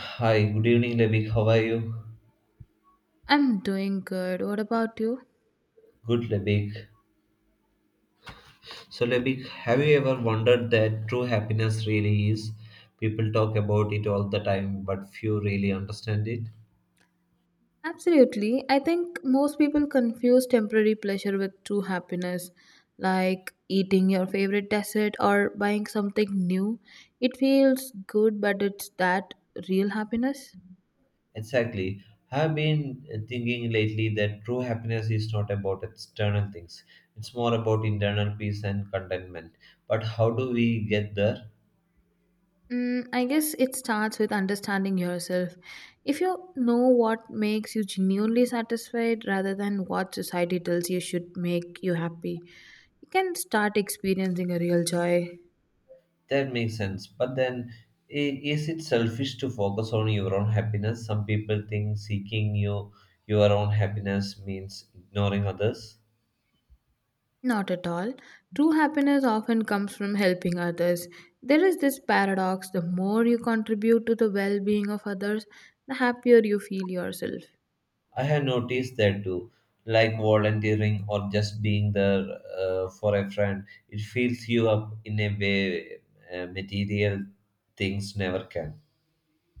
Hi, good evening, Lebik. How are you? I'm doing good. What about you? Good, Lebik. So, Lebik, have you ever wondered that true happiness really is? People talk about it all the time, but few really understand it. Absolutely. I think most people confuse temporary pleasure with true happiness, like eating your favorite dessert or buying something new. It feels good, but it's that real happiness? Exactly. I've been thinking lately that true happiness is not about external things, it's more about internal peace and contentment. But how do we get there? I guess it starts with understanding yourself. If you know what makes you genuinely satisfied rather than what society tells you should make you happy, you can start experiencing a real joy. That makes sense. But then, is it selfish to focus on your own happiness? Some people think seeking you, your own happiness means ignoring others. Not at all. True happiness often comes from helping others. There is this paradox the more you contribute to the well being of others, the happier you feel yourself. I have noticed that too. Like volunteering or just being there for a friend, it fills you up in a way material things never can.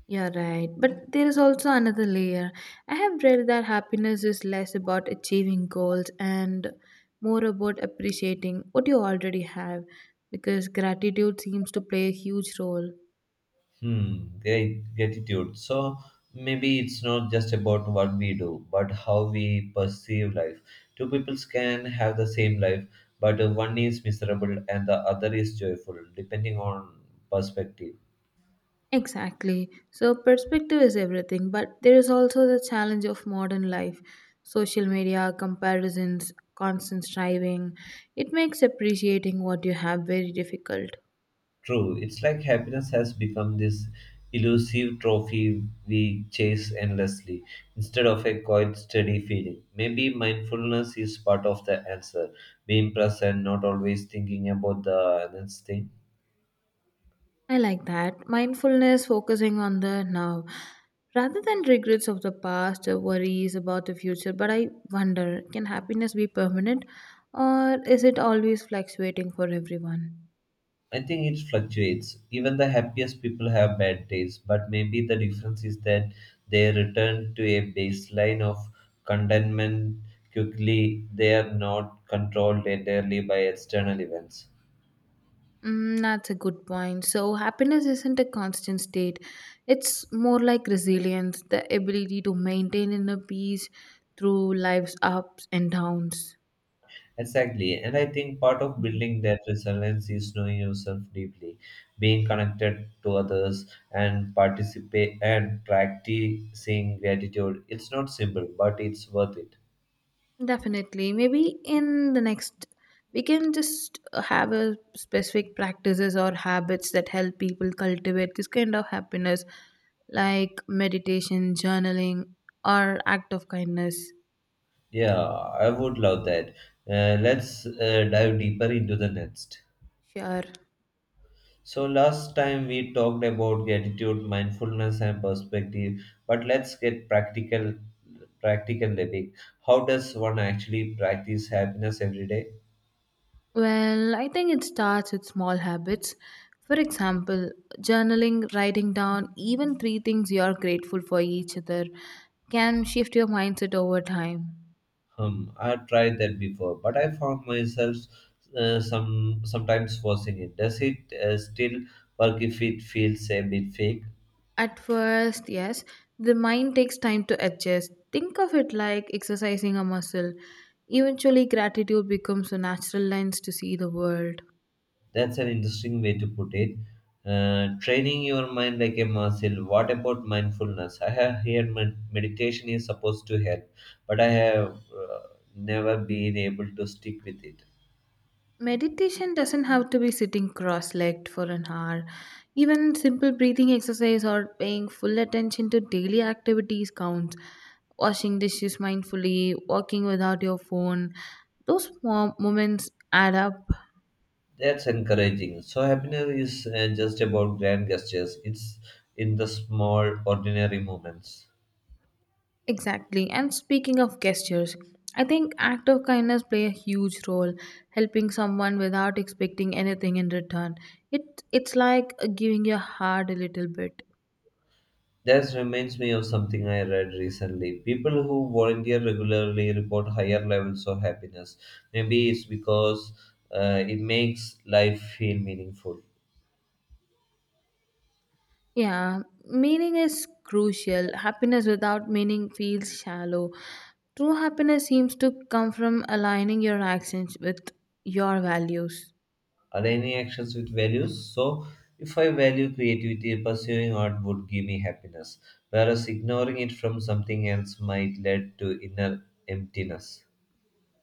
You're right. But there is also another layer. I have read that happiness is less about achieving goals and more about appreciating what you already have because gratitude seems to play a huge role. Hmm, great gratitude. So maybe it's not just about what we do, but how we perceive life. Two peoples can have the same life, but one is miserable and the other is joyful, depending on perspective. Exactly. So, perspective is everything, but there is also the challenge of modern life social media, comparisons, constant striving. It makes appreciating what you have very difficult. True, it's like happiness has become this elusive trophy we chase endlessly instead of a quiet, steady feeling. Maybe mindfulness is part of the answer, being present, not always thinking about the next thing. I like that. Mindfulness, focusing on the now. Rather than regrets of the past or worries about the future, but I wonder can happiness be permanent or is it always fluctuating for everyone? I think it fluctuates. Even the happiest people have bad days, but maybe the difference is that they return to a baseline of contentment quickly. They are not controlled entirely by external events. That's a good point. So, happiness isn't a constant state, it's more like resilience, the ability to maintain inner peace through life's ups and downs. Exactly, and I think part of building that resilience is knowing yourself deeply, being connected to others, and participate and practicing gratitude. It's not simple, but it's worth it. Definitely. Maybe in the next, we can just have a specific practices or habits that help people cultivate this kind of happiness, like meditation, journaling, or act of kindness. Yeah, I would love that. Let's dive deeper into the next. Sure. So, last time we talked about gratitude, mindfulness, and perspective, but let's get practical. Practical living. How does one actually practice happiness every day? Well, I think it starts with small habits. For example, journaling, writing down even three things you are grateful for each other can shift your mindset over time. Hmm, I tried that before, but I found myself sometimes forcing it. Does it still work if it feels a bit fake? At first, yes, the mind takes time to adjust. Think of it like exercising a muscle. Eventually, gratitude becomes a natural lens to see the world. That's an interesting way to put it. Training your mind like a muscle. What about mindfulness? I have heard meditation is supposed to help, but I have uh, never been able to stick with it. Meditation doesn't have to be sitting cross legged for an hour. Even simple breathing exercise or paying full attention to daily activities counts. Washing dishes mindfully, walking without your phone, those small moments add up. That's encouraging. So happiness is just about grand gestures. It's in the small, ordinary moments. Exactly. And speaking of gestures, I think act of kindness play a huge role, helping someone without expecting anything in return. It's like giving your heart a little bit. That reminds me of something I read recently. People who volunteer regularly report higher levels of happiness. Maybe it's because it makes life feel meaningful. Yeah, meaning is crucial. Happiness without meaning feels shallow. True happiness seems to come from aligning your actions with your values. Are any actions with values? So, if I value creativity, pursuing art would give me happiness, whereas ignoring it from something else might lead to inner emptiness.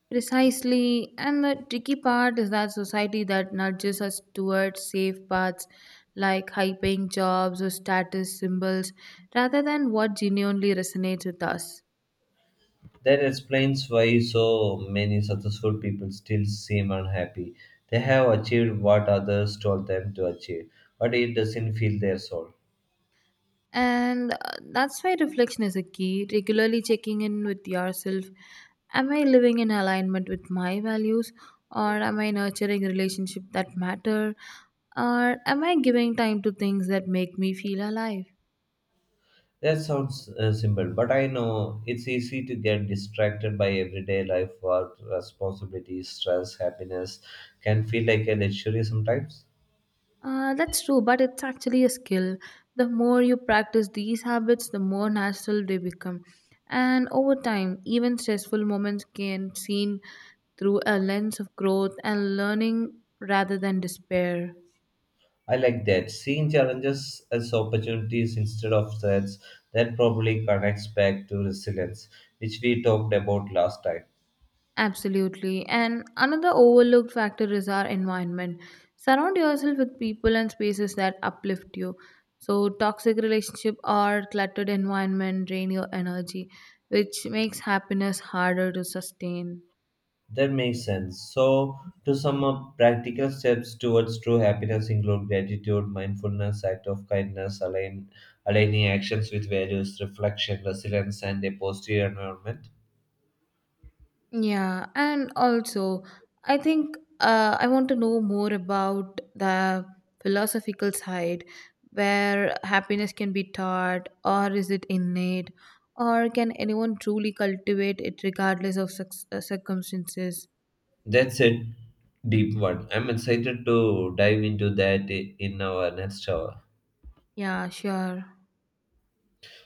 Precisely, and the tricky part is that society that nudges us towards safe paths like high paying jobs or status symbols rather than what genuinely resonates with us. That explains why so many successful people still seem unhappy. They have achieved what others told them to achieve, but it doesn't fill their soul. And that's why reflection is a key, regularly checking in with yourself. Am I living in alignment with my values? Or am I nurturing relationships that matter? Or am I giving time to things that make me feel alive? That sounds simple, but I know it's easy to get distracted by everyday life work, responsibilities, stress, happiness can feel like a luxury sometimes. That's true, but it's actually a skill. The more you practice these habits, the more natural they become. And over time, even stressful moments can seen through a lens of growth and learning rather than despair. I like that. Seeing challenges as opportunities instead of threats, that probably connects back to resilience, which we talked about last time. Absolutely. And another overlooked factor is our environment. Surround yourself with people and spaces that uplift you. So toxic relationship or cluttered environment drain your energy, which makes happiness harder to sustain. That makes sense. So, to sum up, practical steps towards true happiness include gratitude, mindfulness, act of kindness, aligning actions with values, reflection, resilience, and a positive environment. Yeah, and also, I think I want to know more about the philosophical side where happiness can be taught, or is it innate, or can anyone truly cultivate it regardless of circumstances? That's a deep one. I'm excited to dive into that in our next hour. Yeah, sure.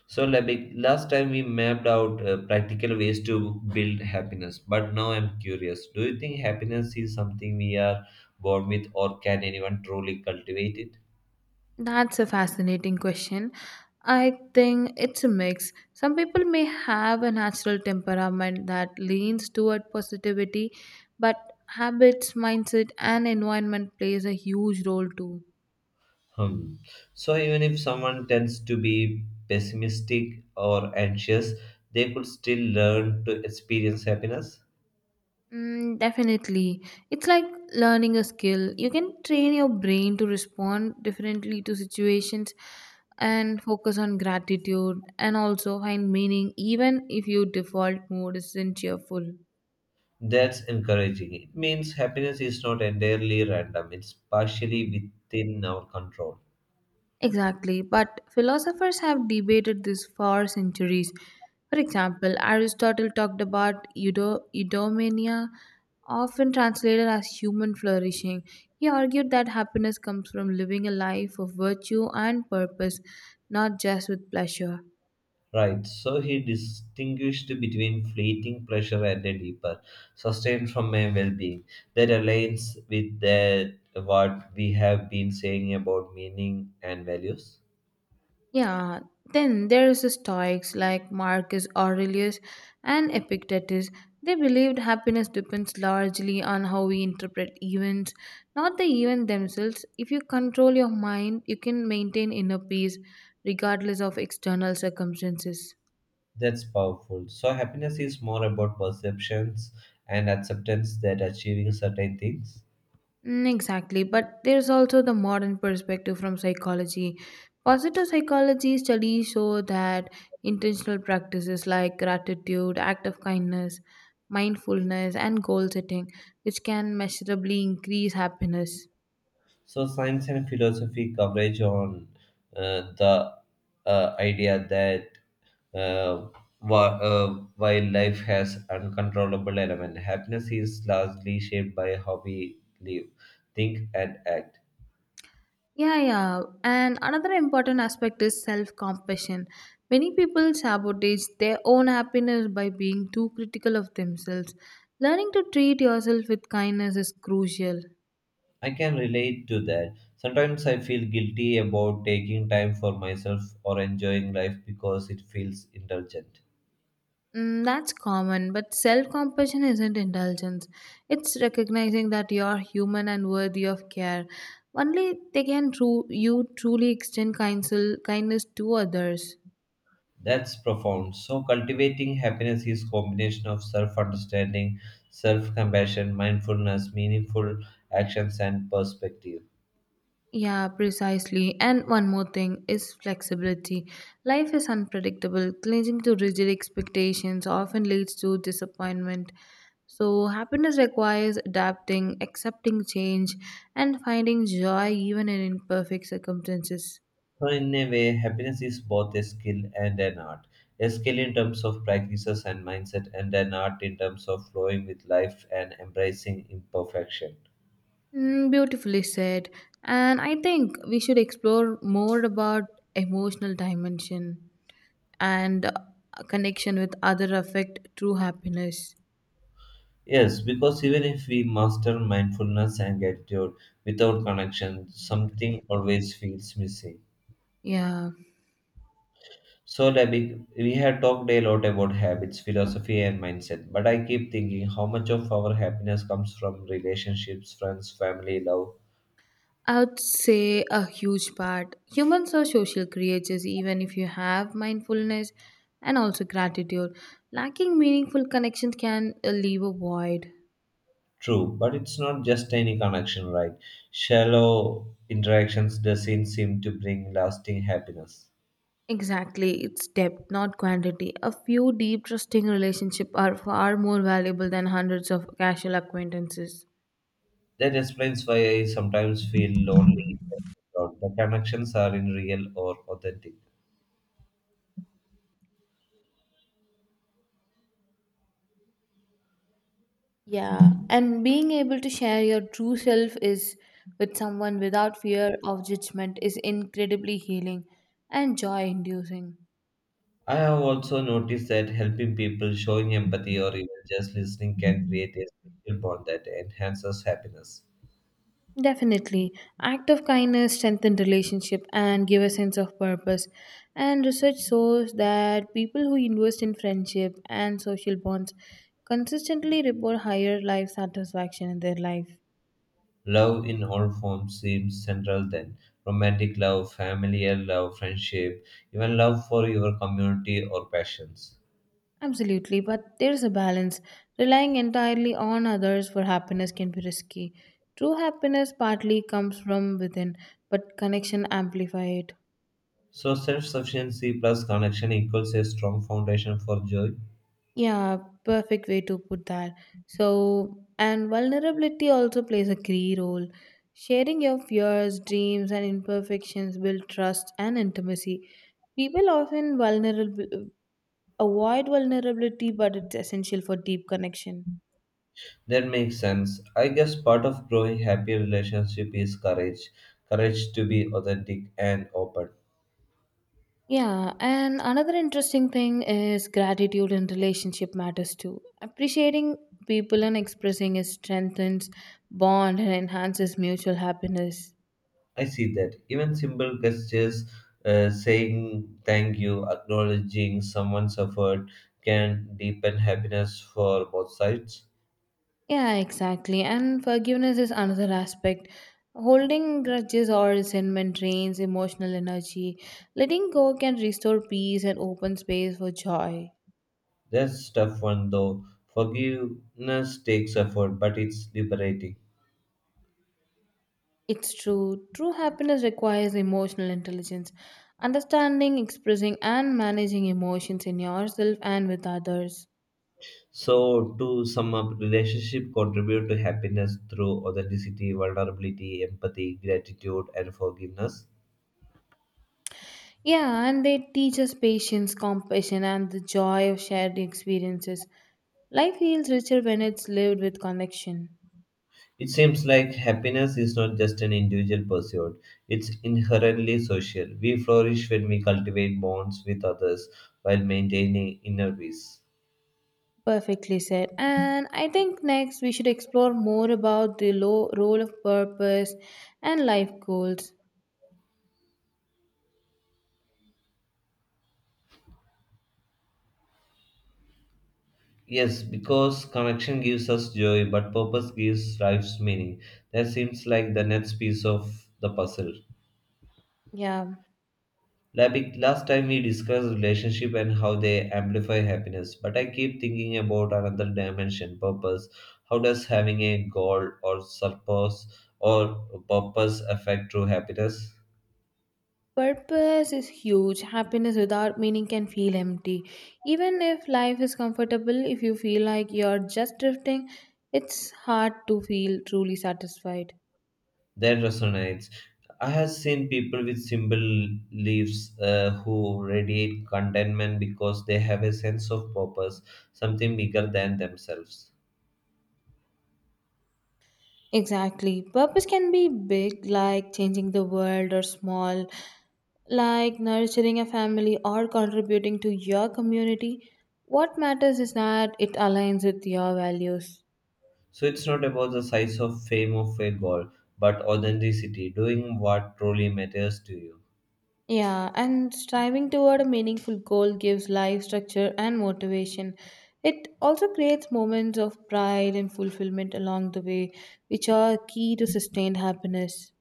So, Labik, last time we mapped out practical ways to build happiness, but now I'm curious. Do you think happiness is something we are born with, or can anyone truly cultivate it? That's a fascinating question. I think it's a mix. Some people may have a natural temperament that leans toward positivity, but habits, mindset, and environment plays a huge role too. Hmm. So even if someone tends to be pessimistic or anxious, they could still learn to experience happiness. Definitely. It's like learning a skill. You can train your brain to respond differently to situations and focus on gratitude and also find meaning even if your default mode isn't cheerful. That's encouraging. It means happiness is not entirely random, it's partially within our control. Exactly, but philosophers have debated this for centuries. For example, Aristotle talked about eudaimonia, often translated as human flourishing. He argued that happiness comes from living a life of virtue and purpose, not just with pleasure. Right, so he distinguished between fleeting pleasure and a deeper, sustained from a well being. That aligns with that, what we have been saying about meaning and values. Yeah, then there's the Stoics like Marcus Aurelius and Epictetus. They believed happiness depends largely on how we interpret events, not the events themselves. If you control your mind, you can maintain inner peace regardless of external circumstances. That's powerful. So, happiness is more about perceptions and acceptance than achieving certain things. Exactly, but there's also the modern perspective from psychology. Positive psychology studies show that intentional practices like gratitude, act of kindness, mindfulness, and goal setting, which can measurably increase happiness. So, science and philosophy coverage on the idea that uh, while life has uncontrollable element, happiness is largely shaped by how we live, think, and act. Yeah. And another important aspect is self compassion. Many people sabotage their own happiness by being too critical of themselves. Learning to treat yourself with kindness is crucial. I can relate to that. Sometimes I feel guilty about taking time for myself or enjoying life because it feels indulgent. That's common, but self compassion isn't indulgence. It's recognizing that you're human and worthy of care. Only they can you truly extend kindness, kindness to others. That's profound. So cultivating happiness is combination of self-understanding, self-compassion, mindfulness, meaningful actions and perspective. Yeah, precisely. And one more thing is flexibility. Life is unpredictable. Clinging to rigid expectations often leads to disappointment. So, happiness requires adapting, accepting change, and finding joy even in imperfect circumstances. So in a way, happiness is both a skill and an art. A skill in terms of practices and mindset and an art in terms of flowing with life and embracing imperfection. Beautifully said. And I think we should explore more about emotional dimension and connection with other affect true happiness. Yes, because even if we master mindfulness and gratitude without connection, something always feels missing. Yeah, So, Debbie, we have talked a lot about habits, philosophy, and mindset, but I keep thinking how much of our happiness comes from relationships, friends, family, love. I would say a huge part. Humans are social creatures, even if you have mindfulness and also gratitude. Lacking meaningful connections can leave a void. True, but it's not just any connection, right? Shallow interactions doesn't seem to bring lasting happiness. Exactly, it's depth, not quantity. A few deep, trusting relationships are far more valuable than hundreds of casual acquaintances. That explains why I sometimes feel lonely. The connections are in real or authentic. Yeah, and being able to share your true self is with someone without fear of judgment is incredibly healing and joy inducing. I have also noticed that helping people, showing empathy, or even just listening can create a special bond that enhances happiness. Definitely. Act of kindness strengthen relationship and give a sense of purpose. And research shows that people who invest in friendship and social bonds consistently report higher life satisfaction in their life. Love in all forms seems central then. Romantic love, familial love, friendship, even love for your community or passions. Absolutely, but there's a balance. Relying entirely on others for happiness can be risky. True happiness partly comes from within, but connection amplify it. So, self sufficiency plus connection equals a strong foundation for joy. Yeah, perfect way to put that. So, and vulnerability also plays a key role. Sharing your fears, dreams, and imperfections build trust and intimacy. People often vulnerable avoid vulnerability, but it's essential for deep connection. That makes sense. I guess part of growing happy relationship is courage courage to be authentic and open. Yeah, and another interesting thing is gratitude and relationship matters too. Appreciating people and expressing it strengthens bond and enhances mutual happiness. I see that. Even simple gestures, saying thank you, acknowledging someone's effort, can deepen happiness for both sides. Yeah, exactly. And forgiveness is another aspect. Holding grudges or resentment drains emotional energy. Letting go can restore peace and open space for joy. That's tough one though. Forgiveness takes effort, but it's liberating. It's true. True happiness requires emotional intelligence, understanding, expressing, and managing emotions in yourself and with others. So, to sum up, relationship contribute to happiness through authenticity, vulnerability, empathy, gratitude, and forgiveness. Yeah, and they teach us patience, compassion, and the joy of shared experiences. Life feels richer when it's lived with connection. It seems like happiness is not just an individual pursuit, it's inherently social. We flourish when we cultivate bonds with others while maintaining inner peace. Perfectly said. And I think next we should explore more about the role of purpose and life goals. Yes, because connection gives us joy, but purpose gives life's meaning. That seems like the next piece of the puzzle. Yeah, Like last time we discussed relationship and how they amplify happiness, but I keep thinking about another dimension, purpose. How does having a goal or purpose affect true happiness? purpose is huge. Happiness without meaning can feel empty. Even if life is comfortable, if you feel like you're just drifting, it's hard to feel truly satisfied. That resonates. I have seen people with simple lives who radiate contentment because they have a sense of purpose, something bigger than themselves. Exactly. Purpose can be big, like changing the world, or small, like nurturing a family or contributing to your community. What matters is that it aligns with your values. So it's not about the size of fame of a goal, but authenticity, doing what truly matters to you. Yeah, and striving toward a meaningful goal gives life structure and motivation. It also creates moments of pride and fulfillment along the way, which are key to sustained happiness.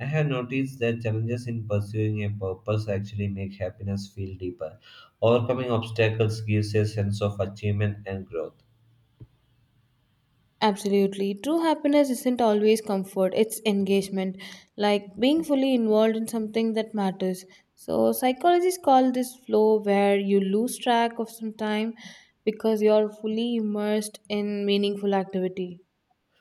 I have noticed that challenges in pursuing a purpose actually make happiness feel deeper. Overcoming obstacles gives a sense of achievement and growth. Absolutely. True happiness isn't always comfort, it's engagement, like being fully involved in something that matters. So, psychologists call this flow where you lose track of some time because you're fully immersed in meaningful activity.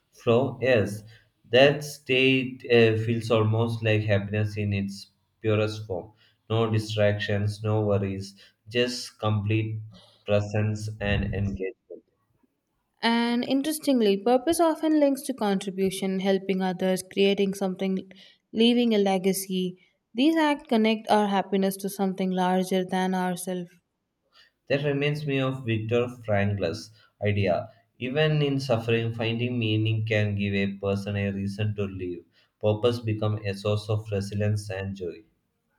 Flow, yes, that state feels almost like happiness in its purest form. No distractions, no worries, just complete presence and engagement. And interestingly, purpose often links to contribution, helping others, creating something, leaving a legacy. These acts connect our happiness to something larger than ourselves. That reminds me of Viktor Frankl's idea. Even in suffering, finding meaning can give a person a reason to live. Purpose becomes a source of resilience and joy.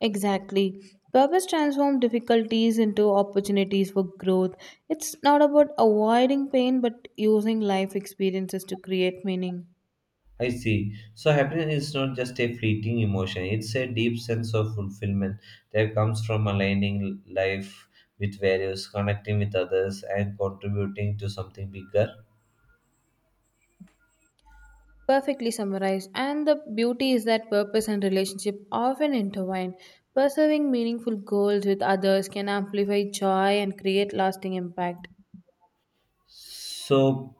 Exactly. Purpose transforms difficulties into opportunities for growth. It's not about avoiding pain but using life experiences to create meaning. I see. So happiness is not just a fleeting emotion. It's a deep sense of fulfillment that comes from aligning life with values, connecting with others, and contributing to something bigger. Perfectly summarized. And the beauty is that purpose and relationship often intertwine. Pursuing meaningful goals with others can amplify joy and create lasting impact. So,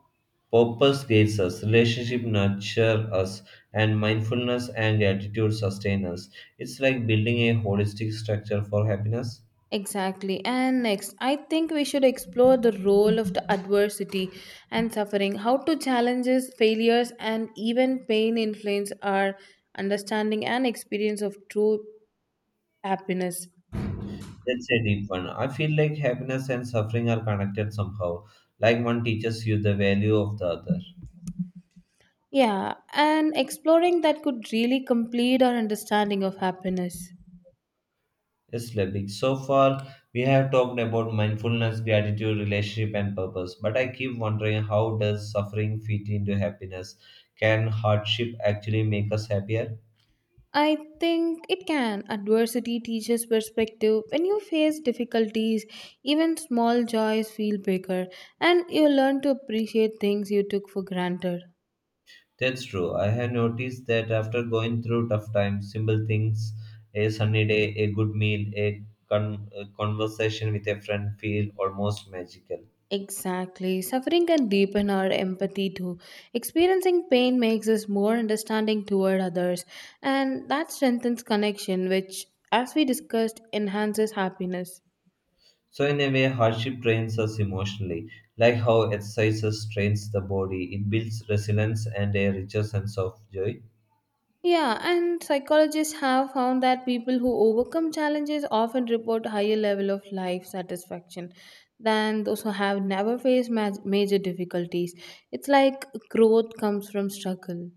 purpose guides us, relationship nurture us, and mindfulness and gratitude sustain us. It's like building a holistic structure for happiness. Exactly. And next, I think we should explore the role of the adversity and suffering, how to challenges, failures, and even pain influence our understanding and experience of true happiness. That's a deep one. I feel like happiness and suffering are connected somehow, like one teaches you the value of the other. Yeah, and exploring that could really complete our understanding of happiness. Is living. So far, we have talked about mindfulness, gratitude, relationship, and purpose. But I keep wondering how does suffering fit into happiness? Can hardship actually make us happier? I think it can. Adversity teaches perspective. When you face difficulties, even small joys feel bigger, and you learn to appreciate things you took for granted. That's true. I have noticed that after going through tough times, simple things, a sunny day, a good meal, a conversation with a friend feel almost magical. Exactly. Suffering can deepen our empathy too. Experiencing pain makes us more understanding toward others, and that strengthens connection, which, as we discussed, enhances happiness. So, in a way, hardship trains us emotionally. Like how exercises trains the body, it builds resilience and a richer sense of joy. Yeah, and psychologists have found that people who overcome challenges often report higher level of life satisfaction than those who have never faced major difficulties. It's like growth comes from struggle.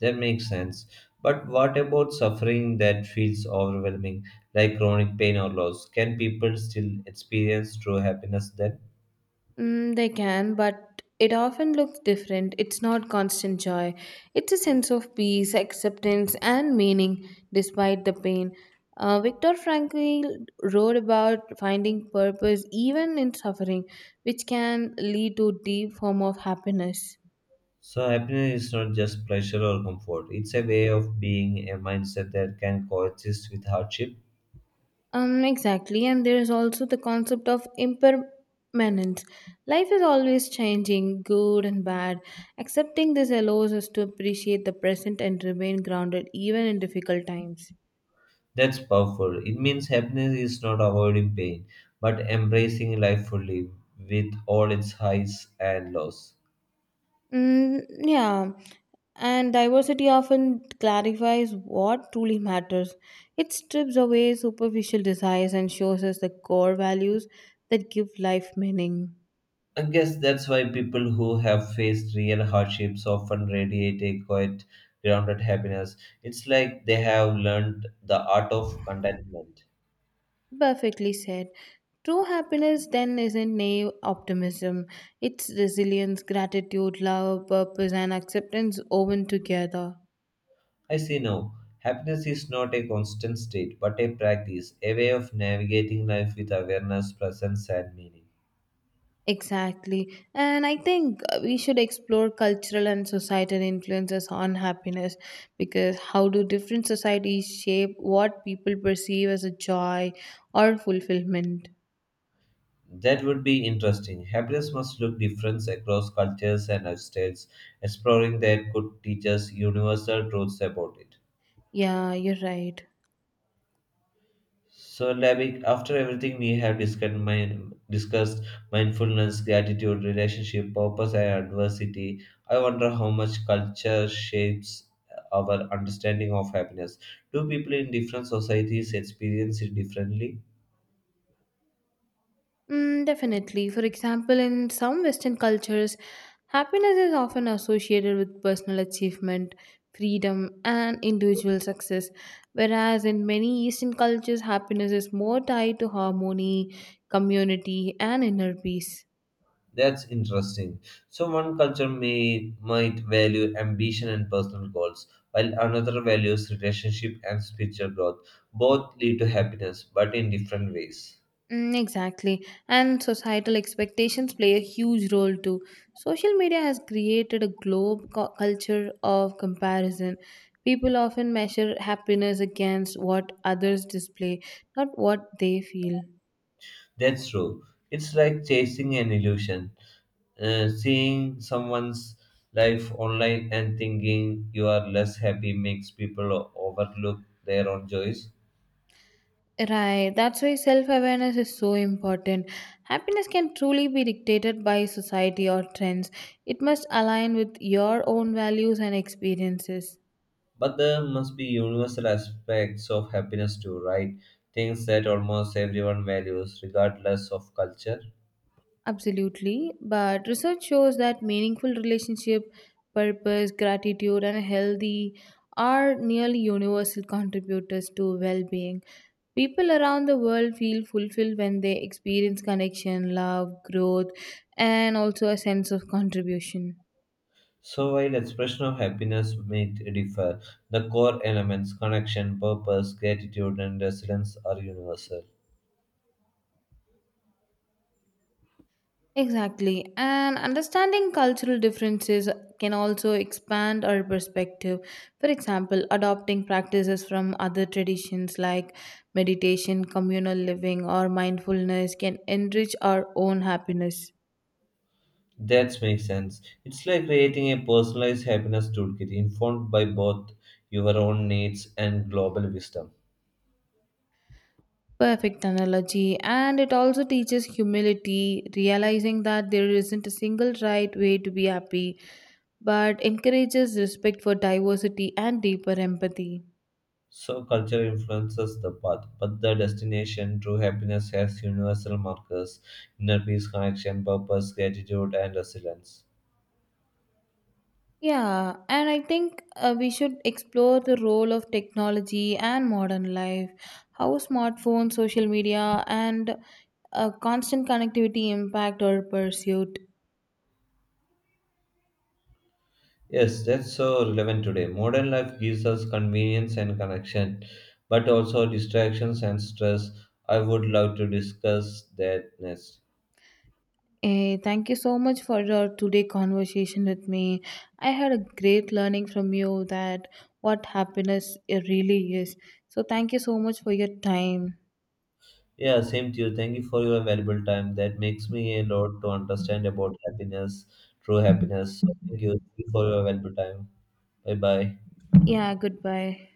That makes sense. But what about suffering that feels overwhelming, like chronic pain or loss? Can people still experience true happiness then? They can, but it often looks different. It's not constant joy. It's a sense of peace, acceptance, and meaning despite the pain. Viktor Frankl wrote about finding purpose even in suffering, which can lead to deep form of happiness. So, happiness is not just pleasure or comfort, it's a way of being, a mindset that can coexist with hardship. Exactly, and there is also the concept of impermanence. Life is always changing, good and bad. Accepting this allows us to appreciate the present and remain grounded even in difficult times. That's powerful. It means happiness is not avoiding pain, but embracing life fully with all its highs and lows. Mm, yeah, and diversity often clarifies what truly matters. It strips away superficial desires and shows us the core values that give life meaning. I guess that's why people who have faced real hardships often radiate a quiet, grounded happiness. It's like they have learned the art of contentment. Perfectly said. True happiness then isn't naive optimism. It's resilience, gratitude, love, purpose, and acceptance woven together. I say no. Happiness is not a constant state, but a practice, a way of navigating life with awareness, presence, and meaning. Exactly. And I think we should explore cultural and societal influences on happiness because how do different societies shape what people perceive as a joy or fulfillment? That would be interesting. Happiness must look different across cultures and lifestyles. Exploring that could teach us universal truths about it. Yeah, you're right. So, Labik, after everything we have discussed, mindfulness, gratitude, relationship, purpose, and adversity, I wonder how much culture shapes our understanding of happiness. Do people in different societies experience it differently? Definitely. For example, in some Western cultures, happiness is often associated with personal achievement, freedom, and individual success. Whereas in many Eastern cultures, happiness is more tied to harmony, community, and inner peace. That's interesting. So one culture may might value ambition and personal goals, while another values relationship and spiritual growth. Both lead to happiness, but in different ways. Exactly. And societal expectations play a huge role too. Social media has created a culture of comparison. People often measure happiness against what others display, not what they feel. That's true. It's like chasing an illusion, seeing someone's life online and thinking you are less happy makes people overlook their own joys. Right, that's why self awareness is so important. Happiness can truly be dictated by society or trends, it must align with your own values and experiences. But there must be universal aspects of happiness too, right? Things that almost everyone values, regardless of culture. Absolutely, but research shows that meaningful relationship, purpose, gratitude, and healthy are nearly universal contributors to well being. People around the world feel fulfilled when they experience connection, love, growth, and also a sense of contribution. So, while expression of happiness may differ, the core elements connection, purpose, gratitude, and resilience are universal. Exactly. And understanding cultural differences can also expand our perspective. For example, adopting practices from other traditions like meditation, communal living, or mindfulness can enrich our own happiness. That makes sense. It's like creating a personalized happiness toolkit informed by both your own needs and global wisdom. Perfect analogy. And it also teaches humility, realizing that there isn't a single right way to be happy, but encourages respect for diversity and deeper empathy. So culture influences the path, but the destination, true happiness, has universal markers: inner peace, connection, purpose, gratitude, and resilience. Yeah, and I think we should explore the role of technology and modern life, how smartphones, social media, and constant connectivity impact our pursuit. Yes, that's so relevant today. Modern life gives us convenience and connection, but also distractions and stress. I would love to discuss that next. Thank you so much for your today conversation with me. I had a great learning from you that what happiness really is. So thank you so much for your time. Yeah, same to you. Thank you for your valuable time. That makes me a lot to understand about happiness, true happiness. So thank you. Thank you for your valuable time. Bye bye. Yeah, goodbye.